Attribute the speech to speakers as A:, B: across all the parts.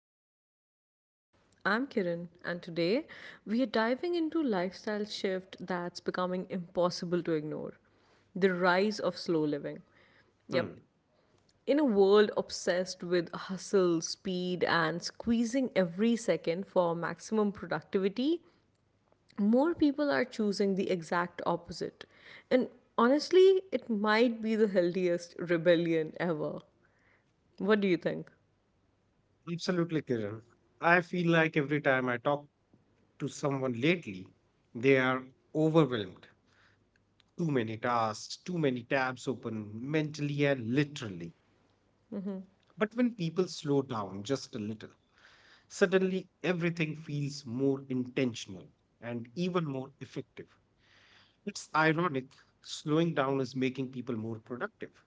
A: the Open Mind Pod. I'm Kiran, and today we are diving into lifestyle shift that's becoming impossible to ignore the rise of slow living. Yep,
B: Hmm,
A: in a world obsessed with hustle, speed, and squeezing every second for maximum productivity, more people are choosing the exact opposite. And honestly, it might be the healthiest rebellion ever. What do you think?
B: Absolutely, Kiran. I feel like every time I talk to someone lately, they are overwhelmed. Too many tasks, too many tabs open, mentally and literally. But when people slow down just a little, suddenly everything feels more intentional and even more effective. It's ironic, slowing down is making people more productive.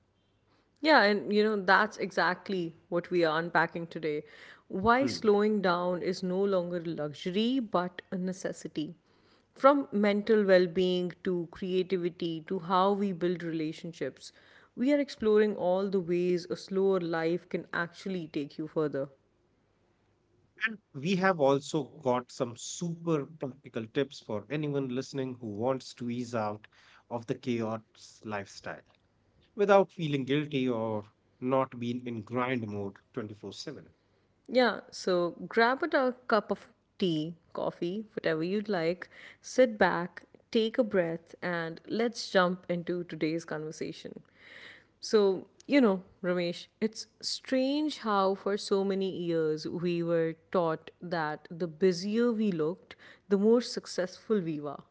A: Yeah, and that's exactly what we are unpacking today. Why
B: Hmm.
A: slowing down is no longer a luxury but a necessity. From mental well being to creativity to how we build relationships, we are exploring all the ways a slower life can actually take you further.
B: And we have also got some super practical tips for anyone listening who wants to ease out of the chaos lifestyle without feeling guilty or not being in grind mode 24/7.
A: Yeah, so grab a cup of tea, coffee, whatever you'd like, sit back, take a breath, and let's jump into today's conversation. So, Ramesh, it's strange how for so many years we were taught that the busier we looked, the more successful we were.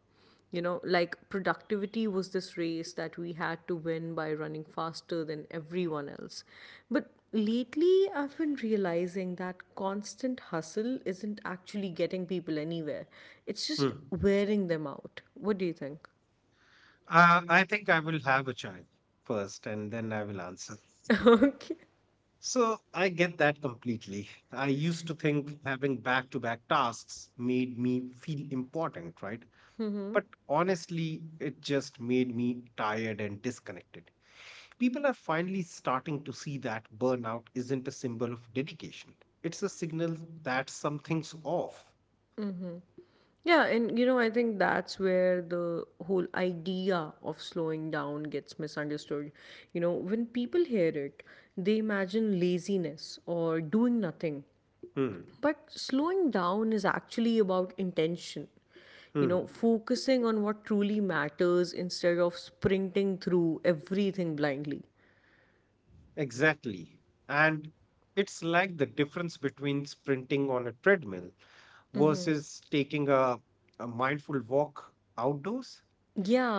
A: Like productivity was this race that we had to win by running faster than everyone else. But lately, I've been realizing that constant hustle isn't actually getting people anywhere. It's just
B: Hmm.
A: wearing them out. What do you think?
B: I think I will have a child first and then I will answer.
A: Okay.
B: So I get that completely. I used to think having back to back tasks made me feel important, right? But honestly, it just made me tired and disconnected. People are finally starting to see that burnout isn't a symbol of dedication. It's a signal that something's off.
A: Yeah, and I think that's where the whole idea of slowing down gets misunderstood. When people hear it, they imagine laziness or doing nothing.
B: Hmm.
A: But slowing down is actually about intention.
B: Hmm.
A: Focusing on what truly matters instead of sprinting through everything blindly.
B: Exactly. And it's like the difference between sprinting on a treadmill versus taking a mindful walk outdoors.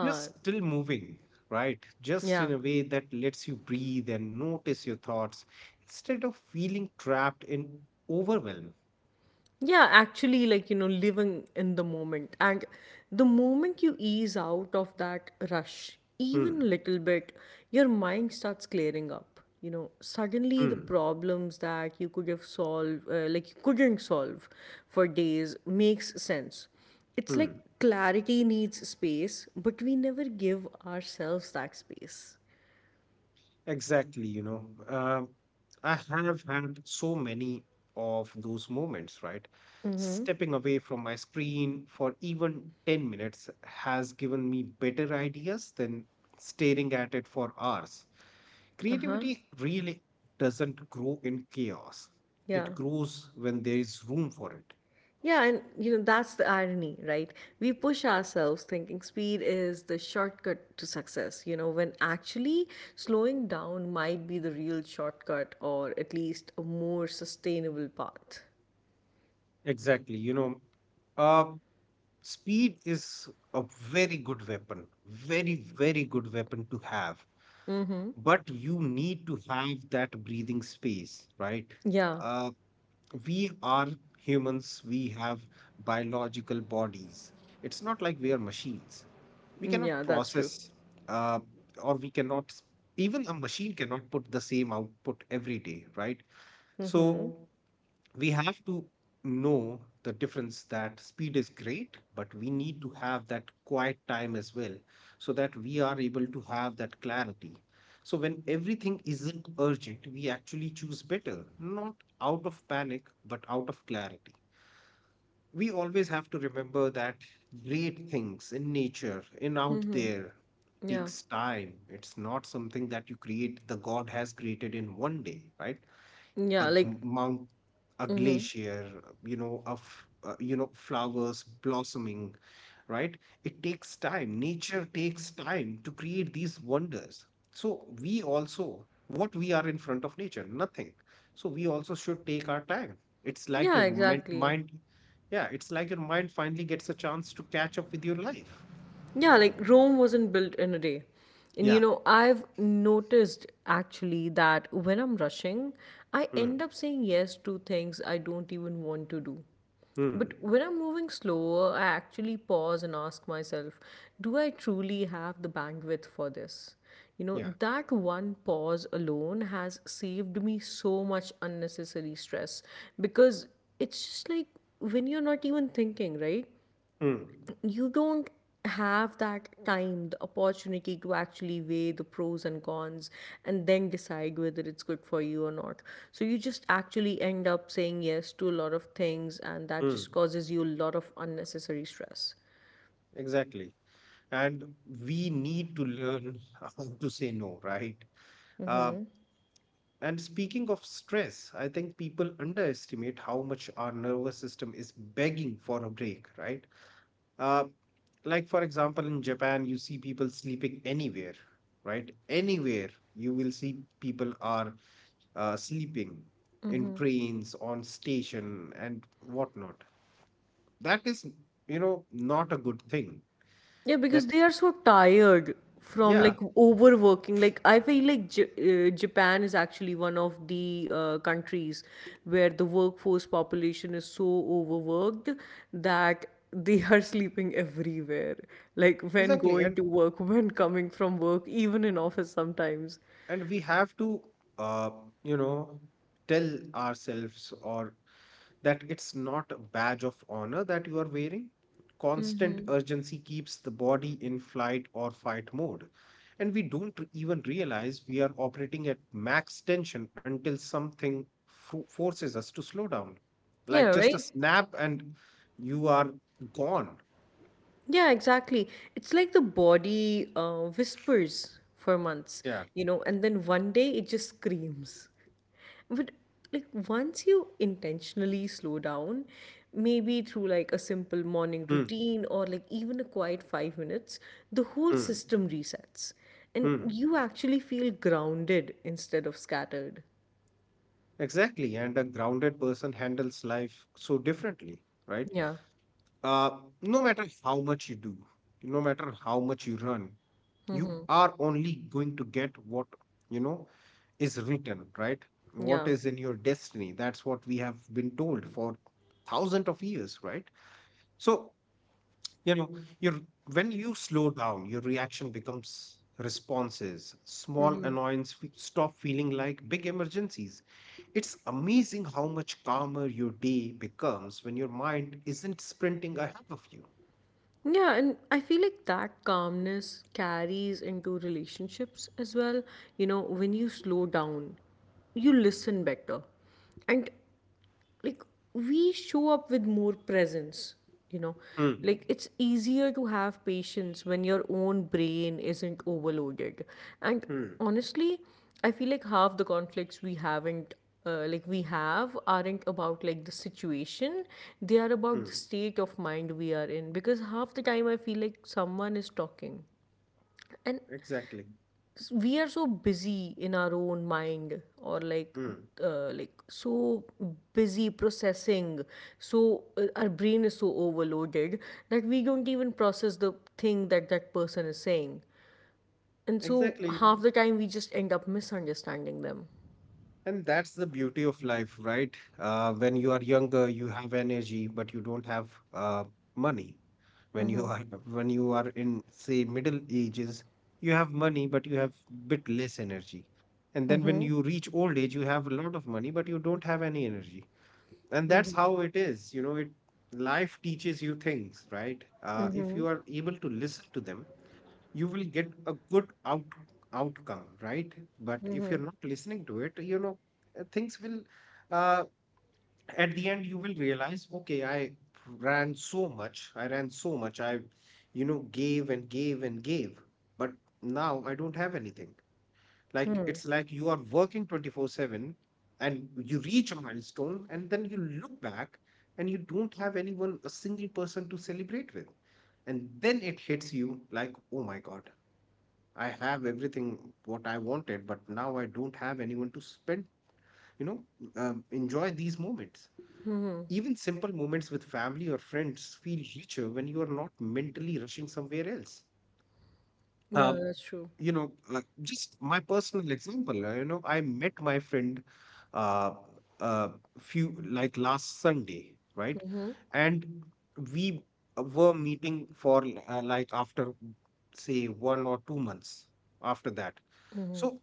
B: You're still moving, right? Just
A: yeah.
B: in a way that lets you breathe and notice your thoughts instead of feeling trapped in overwhelm.
A: Yeah, actually, like, living in the moment. And the moment you ease out of that rush even
B: Hmm.
A: a little bit, your mind starts clearing up. Suddenly the
B: Hmm.
A: problems that you could have solved, you couldn't solve for days, makes sense. It's like
B: Hmm.
A: clarity needs space, but we never give ourselves that space.
B: Exactly, I have had so many of those moments, right? Stepping away from my screen for even 10 minutes has given me better ideas than staring at it for hours.
A: Uh-huh.
B: Creativity really doesn't grow in chaos,
A: Yeah.
B: it grows when there is room for it.
A: Yeah, and that's the irony, right? We push ourselves thinking speed is the shortcut to success, when actually slowing down might be the real shortcut, or at least a more sustainable path.
B: Exactly, uh, speed is a very good weapon, very, very good weapon to have, but you need to have that breathing space, right?
A: Yeah.
B: uh, we are humans, we have biological bodies. It's not like we are machines, we
A: Mm,
B: cannot
A: yeah, that's true.
B: process. Uh, or we cannot, even a machine cannot put the same output every day, right? So we have to know the difference, that speed is great, but we need to have that quiet time as well so that we are able to have that clarity. So, when everything isn't urgent, we actually choose better, not out of panic, but out of clarity. We always have to remember that great things in nature, in out there,
A: Yeah,
B: takes time. It's not something that you create, the God has created in 1 day, right? a
A: yeah,
B: g-
A: like,
B: mount, a
A: mm-hmm.
B: glacier, you know, of you know, flowers blossoming, right? It takes time, nature takes time to create these wonders. So we also, what we are in front of nature, nothing. So we also should take our time. it's like
A: Yeah,
B: your men-
A: exactly.
B: mind Yeah, it's like your mind finally gets a chance to catch up with your life.
A: Yeah, like Rome wasn't built in a day. And
B: yeah
A: I've noticed actually that when I'm rushing, I
B: mm.
A: end up saying yes to things I don't even want to do.
B: Mm.
A: But when I'm moving slower, I actually pause and ask myself, do I truly have the bandwidth for this?
B: yeah
A: That one pause alone has saved me so much unnecessary stress, because it's just like when you're not even thinking, right?
B: mm.
A: You don't have that time, the opportunity to actually weigh the pros and cons and then decide whether it's good for you or not. So you just actually end up saying yes to a lot of things, and that
B: Mm.
A: just causes you a lot of unnecessary stress.
B: Exactly. And we need to learn how to say no, right? uh,
A: Mm-hmm.
B: and speaking of stress, I think people underestimate how much our nervous system is begging for a break, right? uh, like for example, in Japan, you see people sleeping anywhere, right? Anywhere. You will see people are sleeping in trains, on station, and whatnot. That is, you know, not a good thing.
A: Yeah, because
B: That
A: they are so tired from
B: Yeah,
A: like overworking. Like I feel like Japan is actually one of the countries where the workforce population is so overworked that they are sleeping everywhere. Like when
B: exactly.
A: going
B: and
A: to work, when coming from work, even in office sometimes.
B: and we have to, uh, you know, tell ourselves or that it's not a badge of honor that you are wearing. Constant urgency keeps the body in flight or fight mode, and we don't even realize we are operating at max tension until something forces us to slow down.
A: Yeah,
B: Like just a
A: right?
B: snap, and you are gone.
A: Yeah, exactly. It's like the body whispers for months,
B: yeah
A: and then one day it just screams. But like once you intentionally slow down, maybe through like a simple morning
B: mm.
A: routine or like even a quiet 5 minutes, the whole
B: Mm.
A: system resets. And
B: Mm.
A: you actually feel grounded instead of scattered.
B: Exactly. And a grounded person handles life so differently, right?
A: Yeah.
B: Uh, no matter how much you do, no matter how much you run, you
A: Mm-hmm.
B: are only going to get what, you know, is written, right? What
A: Yeah.
B: is in your destiny. That's what we have been told for thousands of years, right? So, you know, you're, when you slow down, your reaction becomes responses. Small
A: Mm-hmm.
B: stop feeling like big emergencies. It's amazing how much calmer your day becomes when your mind isn't sprinting ahead of you.
A: Yeah, and I feel like that calmness carries into relationships as well. When you slow down, you listen better. And, like, we show up with more presence. you know
B: Hmm.
A: like, it's easier to have patience when your own brain isn't overloaded. And
B: Hmm.
A: honestly, I feel like half the conflicts we have aren't about like the situation. They are about the
B: Hmm.
A: state of mind we are in, because half the time I feel like someone is talking, and
B: Exactly.
A: we are so busy in our own mind, or like
B: Hmm.
A: uh, like so busy processing, so our brain is so overloaded that we don't even process the thing that that person is saying, and so
B: Exactly.
A: half the time we just end up misunderstanding them.
B: And that's the beauty of life, right? When you are younger, you have energy, but you don't have, money. When you
A: Hmm.
B: are when you are in, say, middle ages, you have money, but you have bit less energy. And then when you reach old age, you have a lot of money, but you don't have any energy. And that's how it is, you know. It Life teaches you things, right? If you are able to listen to them, you will get a good outcome, right? But if you're not listening to it, you know, things will, uh, at the end you will realize, okay, I ran so much, I ran so much, I, you know, gave and gave and gave, but now I don't have anything. Like it's like you are working 24/7 and you reach a milestone and then you look back, and you don't have anyone, a single person to celebrate with. And then it hits you like, oh my God, I have everything what I wanted, but now I don't have anyone to spend, you know, enjoy these moments. Even simple moments with family or friends feel richer when you are not mentally rushing somewhere else.
A: Yeah,
B: Um,
A: that's true.
B: you know, like just my personal example, you know, I met my friend, uh, uh, few, like last Sunday, right?
A: Mm-hmm.
B: And we were meeting for, like after, say, 1 or 2 months after that.
A: Mm-hmm.
B: So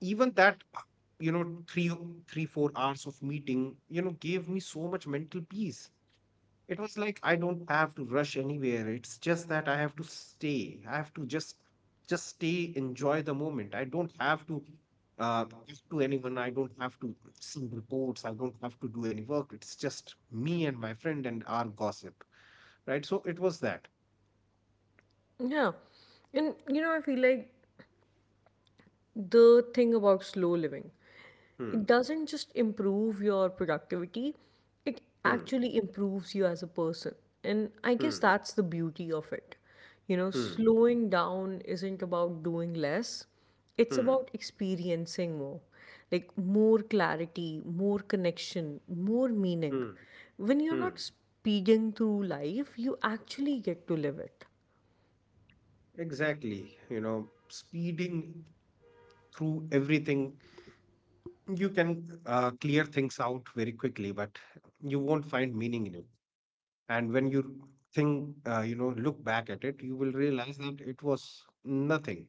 B: even that, you know, 4 hours of meeting, you know, gave me so much mental peace. It was like I don't have to rush anywhere. It's just that I have to stay. I have to just stay, enjoy the moment. I don't have to talk to anyone. I don't have to see reports. I don't have to do any work. It's just me and my friend and our gossip. Right? So it was that.
A: Yeah. And I feel like the thing about slow living.
B: Hmm.
A: It doesn't just improve your productivity, it
B: Hmm.
A: actually improves you as a person. And I guess
B: Hmm.
A: that's the beauty of it.
B: Hmm.
A: Slowing down isn't about doing less, it's
B: Hmm.
A: about experiencing more. Like more clarity, more connection, more meaning.
B: Hmm.
A: When you're
B: Hmm.
A: not speeding through life, you actually get to live it.
B: Exactly. You know, speeding through everything, you can clear things out very quickly, but you won't find meaning in it. And when you think, you know, look back at it, you will realize that it was nothing.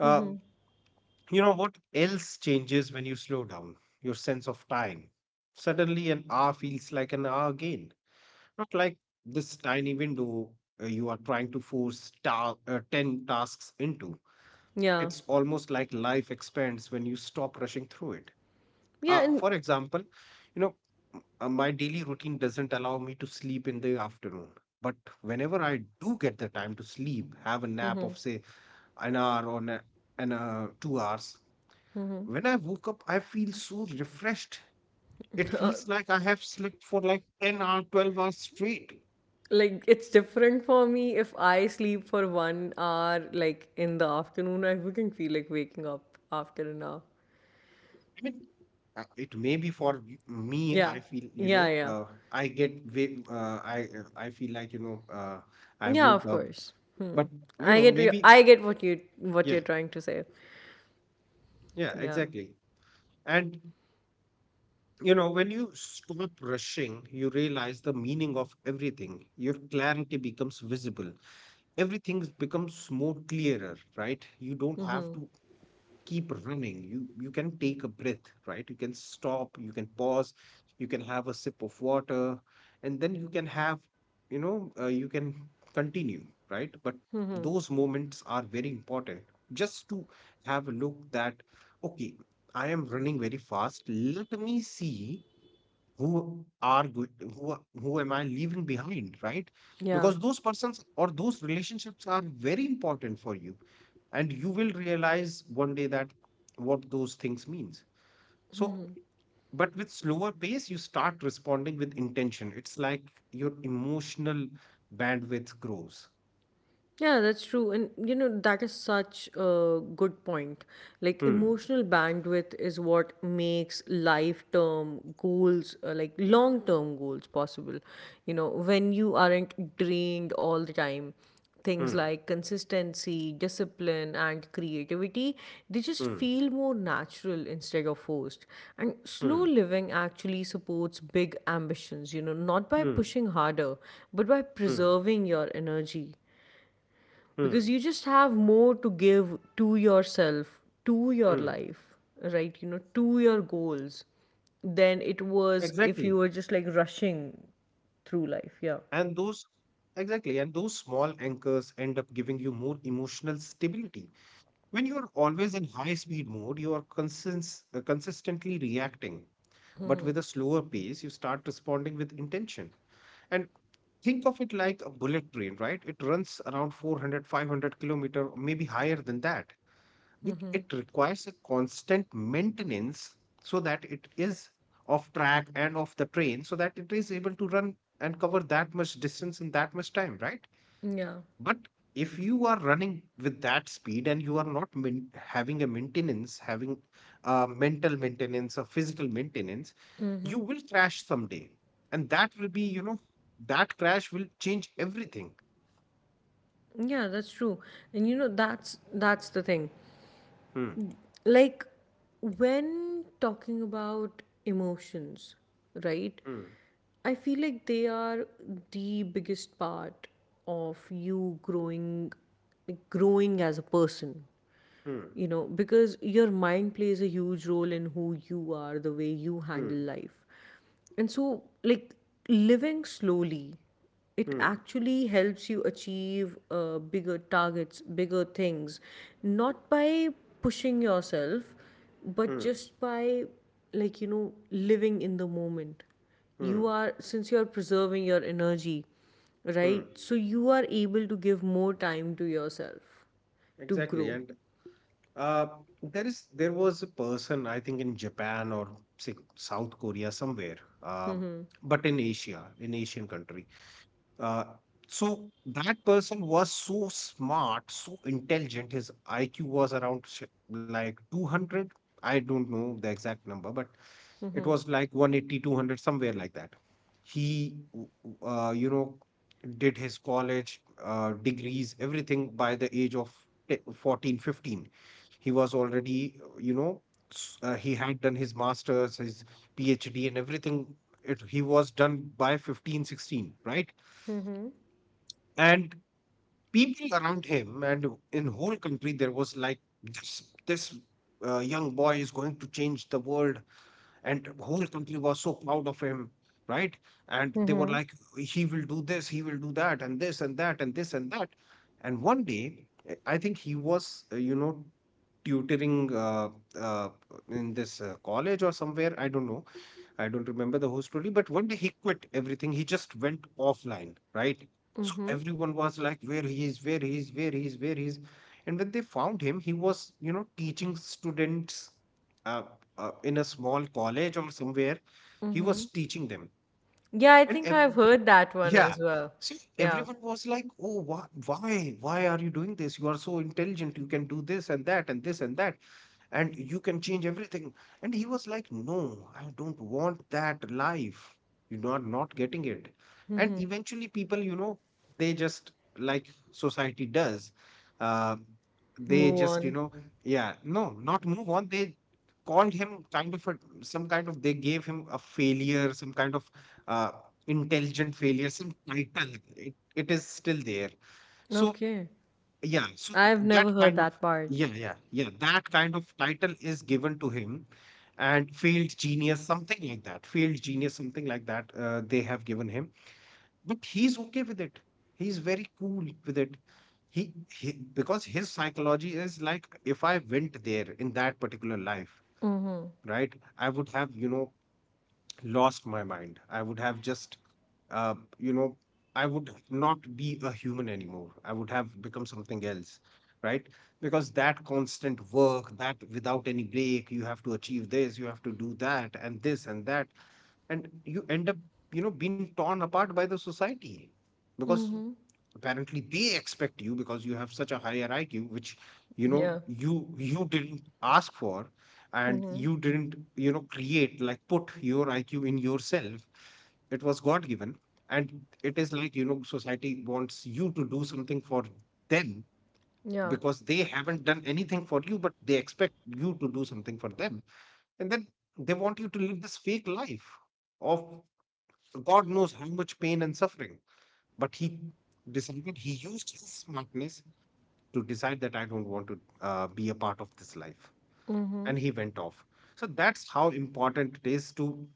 B: uh, you know what else changes when you slow down? Your sense of time. Suddenly an hour feels like an hour again, not like this tiny window you are trying to force 10 tasks into.
A: Yeah.
B: It's almost like life expands when you stop rushing through it.
A: Yeah. And
B: For example, you know, my daily routine doesn't allow me to sleep in the afternoon. But whenever I do get the time to sleep, have a nap
A: mm-hmm,
B: of, say, an hour or na- an 2 hours,
A: mm-hmm.
B: when I woke up, I feel so refreshed. It feels like I have slept for like 10 or 12 hours straight.
A: Like, it's different for me. If I sleep for 1 hour, like in the afternoon, I wouldn't feel like waking up after an hour.
B: I mean, it may be for me,
A: Yeah,
B: I feel, you
A: yeah,
B: know,
A: yeah,
B: I get, I feel like, you know, I
A: yeah.
B: woke
A: Of
B: up,
A: course. Hmm.
B: but you
A: I
B: know,
A: get you.
B: maybe,
A: I get what
B: yeah.
A: you're trying to say.
B: Yeah,
A: Yeah.
B: exactly. And you know, when you stop rushing, you realize the meaning of everything. Your clarity becomes visible. Everything becomes more clearer, right? You don't have
A: Mm-hmm.
B: to keep running. You can take a breath, right? You can stop, you can pause, you can have a sip of water, and then you can have, you know, you can continue, right? But
A: Mm-hmm.
B: those moments are very important, just to have a look that, okay, I am running very fast, let me see who are go- who a- who am I leaving behind, right?
A: Yeah.
B: Because those persons or those relationships are very important for you, and you will realize 1 day that what those things means. So
A: Mm-hmm.
B: but with slower pace you start responding with intention. It's like your emotional bandwidth grows.
A: Yeah, that's true. And that is such a good point. Like,
B: hmm
A: emotional bandwidth is what makes life term goals, like long term goals, possible. When you aren't drained all the time, things
B: hmm
A: like consistency, discipline, and creativity, they just
B: hmm
A: feel more natural instead of forced. And slow
B: hmm
A: living actually supports big ambitions, not by
B: hmm
A: pushing harder, but by
B: hmm
A: preserving your energy,
B: hmm
A: because you just have more to give to yourself, to your
B: hmm
A: life, right? To your goals, than it
B: exactly.
A: was if you were just like rushing through life.
B: And
A: Yeah.
B: those, exactly, and those small anchors end up giving you more emotional stability. When you're always in high speed mode, you are consistently reacting. But with a slower pace, you start responding with intention. And think of it like a bullet train, right? It runs around 400, 500 kilometers, maybe higher than that. It requires a constant maintenance so that it is off track and off the train so that it is able to run and cover that much distance in that much time, right?
A: Yeah.
B: But if you are running with that speed and you are not having a maintenance, having a mental maintenance or physical maintenance, you will crash someday. And that will be, you know, that crash will change everything.
A: Yeah, that's true. And that's the thing.
B: Hmm,
A: Like when talking about emotions, right,
B: hmm,
A: I feel like they are the biggest part of you growing, like growing as a person.
B: hmm,
A: Because your mind plays a huge role in who you are, the way you
B: hmm,
A: handle life. And so, like, living slowly, it
B: hmm,
A: actually helps you achieve bigger targets, bigger things, not by pushing yourself, but
B: hmm,
A: just by, like, living in the moment.
B: hmm,
A: You are, since you are preserving your energy,
B: hmm.
A: right, so you are able to give more time to yourself to
B: Exactly.
A: grow.
B: And uh, there is there was a person, I think in Japan or, say, South Korea somewhere, uh,
A: Mm-hmm.
B: but in Asia, in Asian country. Uh, so that person was so smart, so intelligent. His IQ was around like 200. I don't know the exact number, but it
A: Mhm.
B: was like 180, 200, somewhere like that. He did his college degrees, everything by the age of 14, 15. He was already, he had done his masters, his PhD and everything. He was done by 15, 16, right?
A: Mhm.
B: And people around him and in whole country there was like, this young boy is going to change the world. And whole country was so proud of him, right? And they were
A: Mhm.
B: like, he will do this, he will do that, and this and that and this and that. And one day, I think he was, tutoring uh, in this college or somewhere, I don't know. I don't remember the whole story, but one day he quit everything. He just went offline, right? So
A: Mhm.
B: everyone was like, where he is, where he is, where he is, where he is. And when they found him, he was, you know, teaching students uh, in a small college or somewhere. He was
A: Mhm.
B: teaching them.
A: Yeah, I
B: And
A: think
B: ev-
A: I've heard that one
B: yeah.
A: as well.
B: So
A: Yeah.
B: everyone was like, oh, why are you doing this? You are so intelligent. You can do this and that and this and that, and you can change everything. And he was like, no, I don't want that life. You are not getting it. And
A: Mhm.
B: eventually, people, they just, like society does, um, they
A: Move
B: just,
A: on.
B: yeah, no, not move on. They called him kind of a, some kind of, they gave him a failure, some kind of uh, intelligent failure, some title. It is still there. So
A: Okay.
B: yeah, so
A: I've
B: that
A: never heard
B: kind of
A: that part.
B: yeah, yeah, yeah. That kind of title is given to him, and failed genius, something like that. Failed genius, something like that. They have given him, but he's okay with it. He's very cool with it. He, he, because his psychology is like, if I went there in that particular life,
A: Mhm.
B: right? I would have, lost my mind. I would have just, uh, you know, I would not be a human anymore. I would have become something else, right? Because that constant work, that without any break, you have to achieve this, you have to do that, and this and that, and you end up, being torn apart by the society because
A: Mhm.
B: apparently they expect you, because you have such a higher IQ, which
A: Yeah.
B: you didn't ask for, and
A: Mhm.
B: you didn't, create, like, put your IQ in yourself. It was God given, and it is like, society wants you to do something for them
A: Yeah.
B: because they haven't done anything for you, but they expect you to do something for them, and then they want you to live this fake life of God knows how much pain and suffering. But he decided, he used his smartness to decide that I don't want to be a part of this life. And
A: Mhm.
B: he went off. So that's how important it is to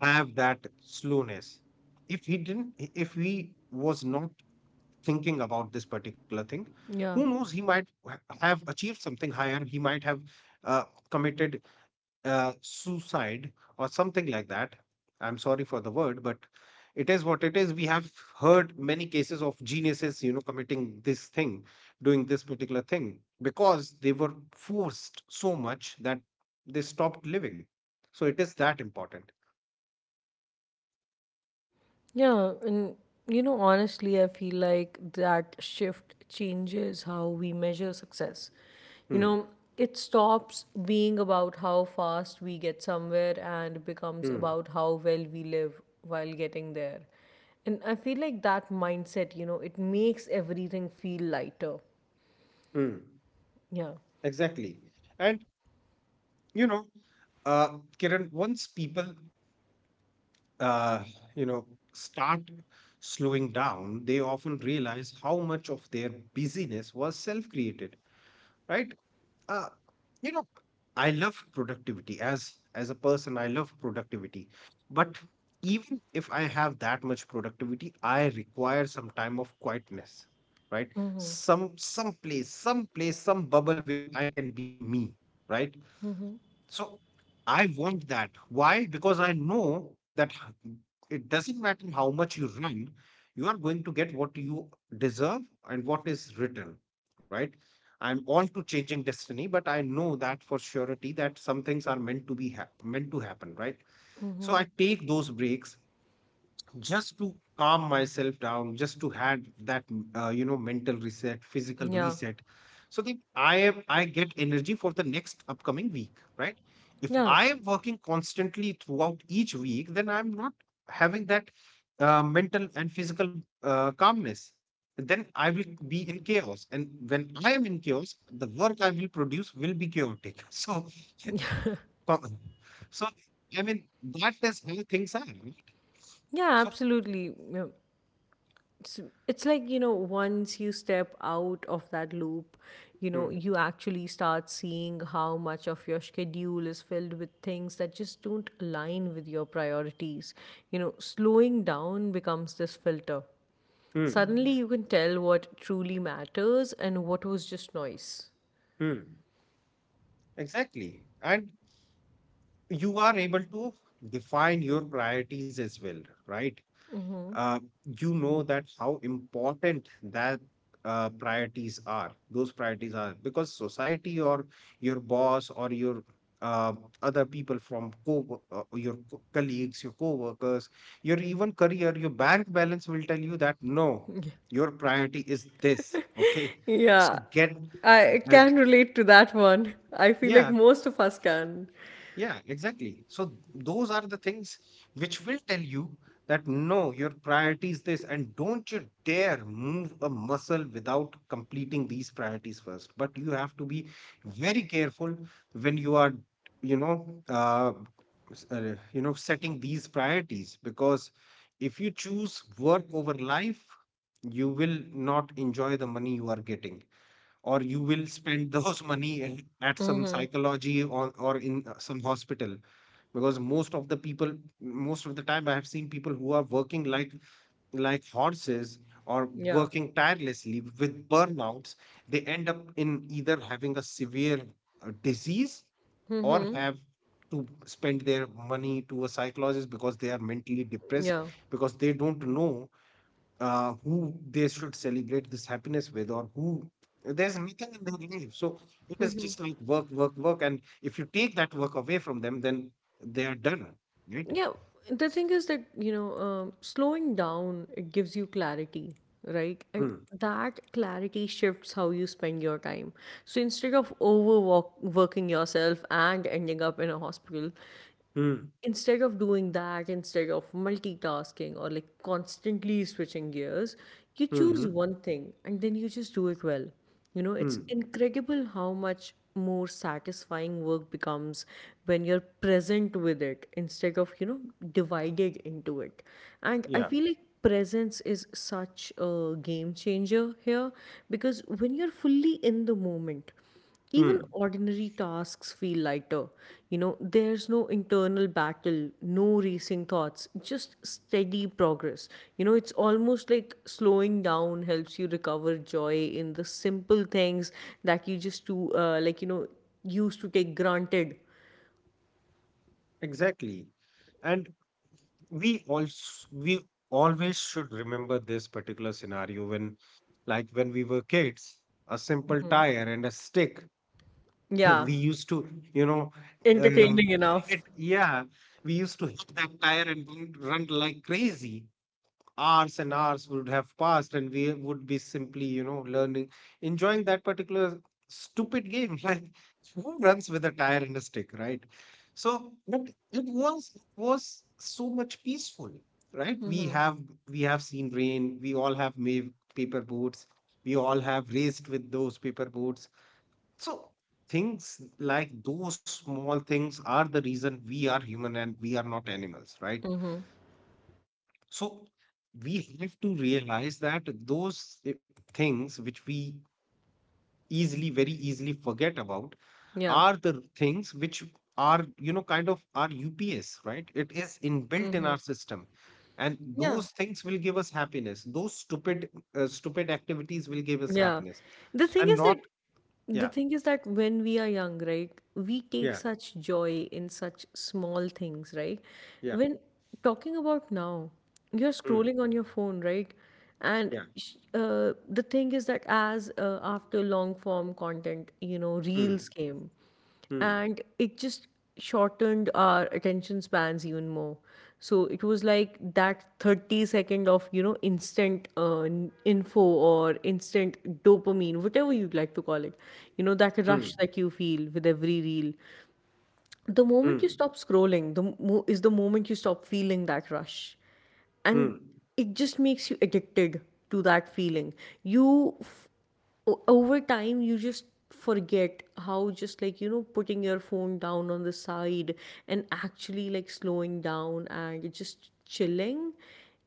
B: have that slowness. If he didn't if he was not thinking about this particular thing, who
A: Yeah.
B: knows, he might have achieved something higher. He might have uh, committed suicide or something like that. I'm sorry for the word, but it is what it is. We have heard many cases of geniuses, committing this thing, doing this particular thing because they were forced so much that they stopped living. So it is that important.
A: Yeah, and honestly, I feel like that shift changes how we measure success. You
B: Hmm.
A: know, it stops being about how fast we get somewhere and becomes
B: Hmm.
A: about how well we live while getting there. And I feel like that mindset, it makes everything feel lighter.
B: Hmm.
A: Yeah.
B: Exactly. And, you know, Kiran, once people uh, you know, start slowing down, they often realize how much of their busyness was self-created, right? Uh, you know, I love productivity, as a person, I love productivity, but even if I have that much productivity, I require some time of quietness, right? Some place, some place, some bubble where I can be me, right? So I want that. Why? Because I know that it doesn't matter how much you run, you are going to get what you deserve and what is written, right? I'm all to changing destiny, but I know that for surety that some things are meant to be hap meant to happen, right? So
A: Mm-hmm.
B: I take those breaks just to calm myself down, just to have that mental reset, physical
A: Yeah.
B: reset, so that I get energy for the next upcoming week, right? If
A: Yeah.
B: I am working constantly throughout each week, then I'm not having that mental and physical calmness, then I will be in chaos. And when I am in chaos, the work I will produce will be chaotic so co- so, I mean, that is how things are, right?
A: Yeah,
B: So.
A: absolutely. Yeah. it's, it's like, once you step out of that loop,
B: Hmm.
A: you actually start seeing how much of your schedule is filled with things that just don't align with your priorities. Slowing down becomes this filter.
B: Hmm.
A: Suddenly you can tell what truly matters and what was just noise.
B: Hmm, exactly. And you are able to define your priorities as well, right? Uh, you know that how important that those priorities are, because society or your boss or your uh, other people from co your colleagues, your co-workers, your even career, your bank balance will tell you that no, your priority is this. Okay. So
A: Yeah,
B: get,
A: I
B: get
A: can relate to that one. I feel like
B: yeah.
A: most of us can.
B: Yeah, exactly. So those are the things which will tell you that no, your priority is this, and don't you dare move a muscle without completing these priorities first. But you have to be very careful when you are, you know, uh, setting these priorities, because if you choose work over life, you will not enjoy the money you are getting, or you will spend those money at some
A: Mm-hmm.
B: psychology, or in some hospital, because most of the people, most of the time, I have seen people who are working like horses, or
A: Yeah.
B: working tirelessly with burnouts, they end up in either having a severe disease, or
A: Mm-hmm.
B: have to spend their money to a psychologist because they are mentally depressed,
A: Yeah.
B: because they don't know who they should celebrate this happiness with, or who... there's nothing in their life. So it is just like work, work, work. And if you take that work away from them, then they are done, right?
A: Yeah, the thing is that, slowing down, it gives you clarity, right?
B: Hmm.
A: And that clarity shifts how you spend your time. So instead of overwork working yourself and ending up in a hospital,
B: Hmm.
A: instead of doing that, instead of multitasking or like constantly switching gears, you
B: Hmm.
A: choose one thing and then you just do it well.
B: Hmm.
A: It's incredible how much more satisfying work becomes when you're present with it instead of, divided into it. And I
B: Yeah.
A: feel like presence is such a game changer here, because when you're fully in the moment, even
B: Hmm.
A: ordinary tasks feel lighter. There's no internal battle, no racing thoughts, just steady progress. It's almost like slowing down helps you recover joy in the simple things that you just do, used to take granted.
B: Exactly. And we also we always should remember this particular scenario when, like, when we were kids, a simple tire and a stick
A: Yeah,
B: we used to, uh,
A: entertaining
B: hit,
A: enough.
B: yeah, we used to hit that tire and run like crazy. Hours and hours would have passed, and we would be simply, learning, enjoying that particular stupid game like, who runs with a tire and a stick, right? So, but it was so much peaceful, right?
A: Mm-hmm.
B: We have seen rain, we all have made paper boats, we all have raced with those paper boats. So things like those small things are the reason we are human, and we are not animals, right?
A: Mm-hmm.
B: So we have to realize that those things which we easily, very easily forget about
A: Yeah.
B: are the things which are, kind of our UPS, right? It is inbuilt in
A: Mm-hmm.
B: our system. And
A: Yeah.
B: those things will give us happiness. Those stupid, stupid activities will give us
A: Yeah.
B: happiness,
A: The thing
B: and
A: is that
B: not...
A: The
B: yeah,
A: thing is that when we are young, right, we take
B: yeah,
A: such joy in such small things, right?
B: yeah,
A: When talking about now, you're
B: mm,
A: scrolling on your phone, right? And
B: yeah,
A: the thing is that, as after long form content,
B: mm.
A: reels came,
B: Hmm.
A: and it just shortened our attention spans even more. So it was like that 30 second of, instant info, or instant dopamine, whatever you'd like to call it. That
B: Hmm.
A: rush that you feel with every reel. The moment you
B: Hmm.
A: stop scrolling, is the moment you stop feeling that rush. And
B: Hmm.
A: it just makes you addicted to that feeling. you f- Over time, you just forget how just like, putting your phone down on the side and actually like slowing down and just chilling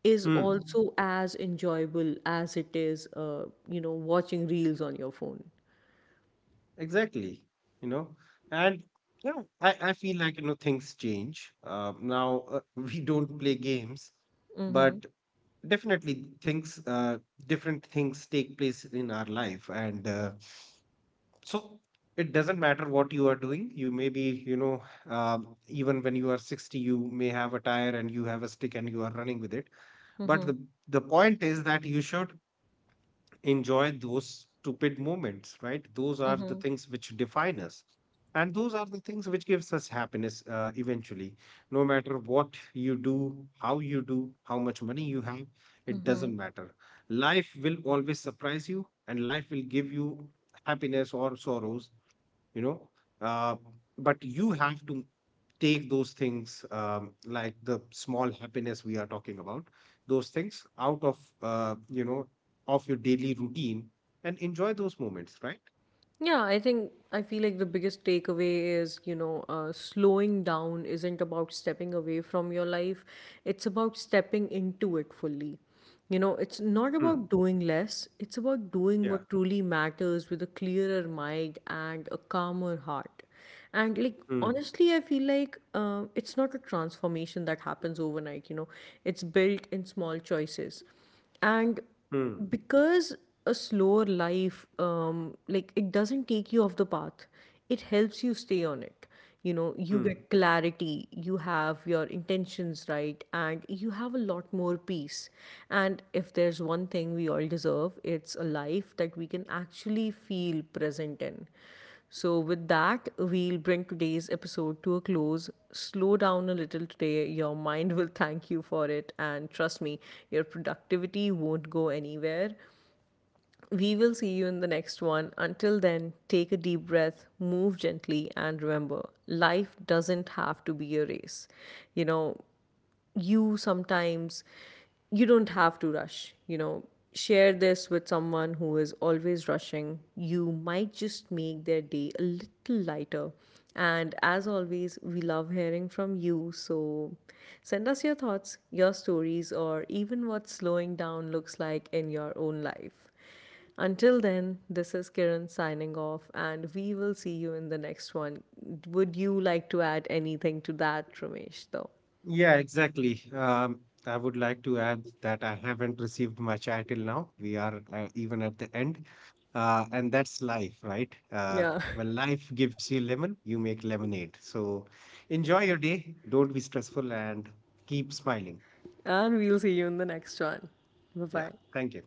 A: is
B: Hmm.
A: also as enjoyable as it is, uh, watching reels on your phone.
B: Exactly. You know, and I feel like, things change. Now, we don't play games, but
A: Mm-hmm.
B: definitely things, different things take place in our life, and so it doesn't matter what you are doing. You may be, even when you are 60, you may have a tire and you have a stick and you are running with it. But
A: Mm-hmm.
B: the point is that you should enjoy those stupid moments, right? Those are the
A: Mm-hmm.
B: things which define us, and those are the things which gives us happiness, eventually. No matter what you do, how you do, how much money you have, it doesn't matter. Life will always surprise you, and life will give you happiness or sorrows, you know uh, but you have to take those things, like the small happiness we are talking about, those things out of, of your daily routine, and enjoy those moments, right?
A: Yeah, I think I feel like the biggest takeaway is, slowing down isn't about stepping away from your life, it's about stepping into it fully. It's
B: Hmm.
A: not about doing less, it's about
B: Yeah.
A: doing what truly matters with a clearer mind and a calmer heart. And like
B: Hmm.
A: honestly, I feel like it's not a transformation that happens overnight. It's built in small choices. And
B: Hmm.
A: because a slower life, like, it doesn't take you off the path, it helps you stay on it. You
B: Hmm.
A: get clarity, you have your intentions right, and you have a lot more peace. And if there's one thing we all deserve, it's a life that we can actually feel present in. So, with that, we'll bring today's episode to a close. Slow down a little today. Your mind will thank you for it. And trust me, your productivity won't go anywhere. We will see you in the next one. Until then, take a deep breath, move gently, and remember life doesn't have to be a race. You know, you sometimes, you don't have to rush. Share this with someone who is always rushing. You might just make their day a little lighter. And as always, we love hearing from you, so send us your thoughts, your stories, or even what slowing down looks like in your own life. Until then, this is Kiran signing off, and we will see you in the next one. Would you like to add anything to that, Ramesh, though?
B: Yeah, exactly. I would like to add that I haven't received much, I till now. We are even at the end. And that's life, right?
A: Yeah.
B: When life gives you lemon, you make lemonade. So enjoy your day. Don't be stressful and keep smiling.
A: And we'll see you in the next one. Bye
B: Yeah.
A: bye.
B: Thank you.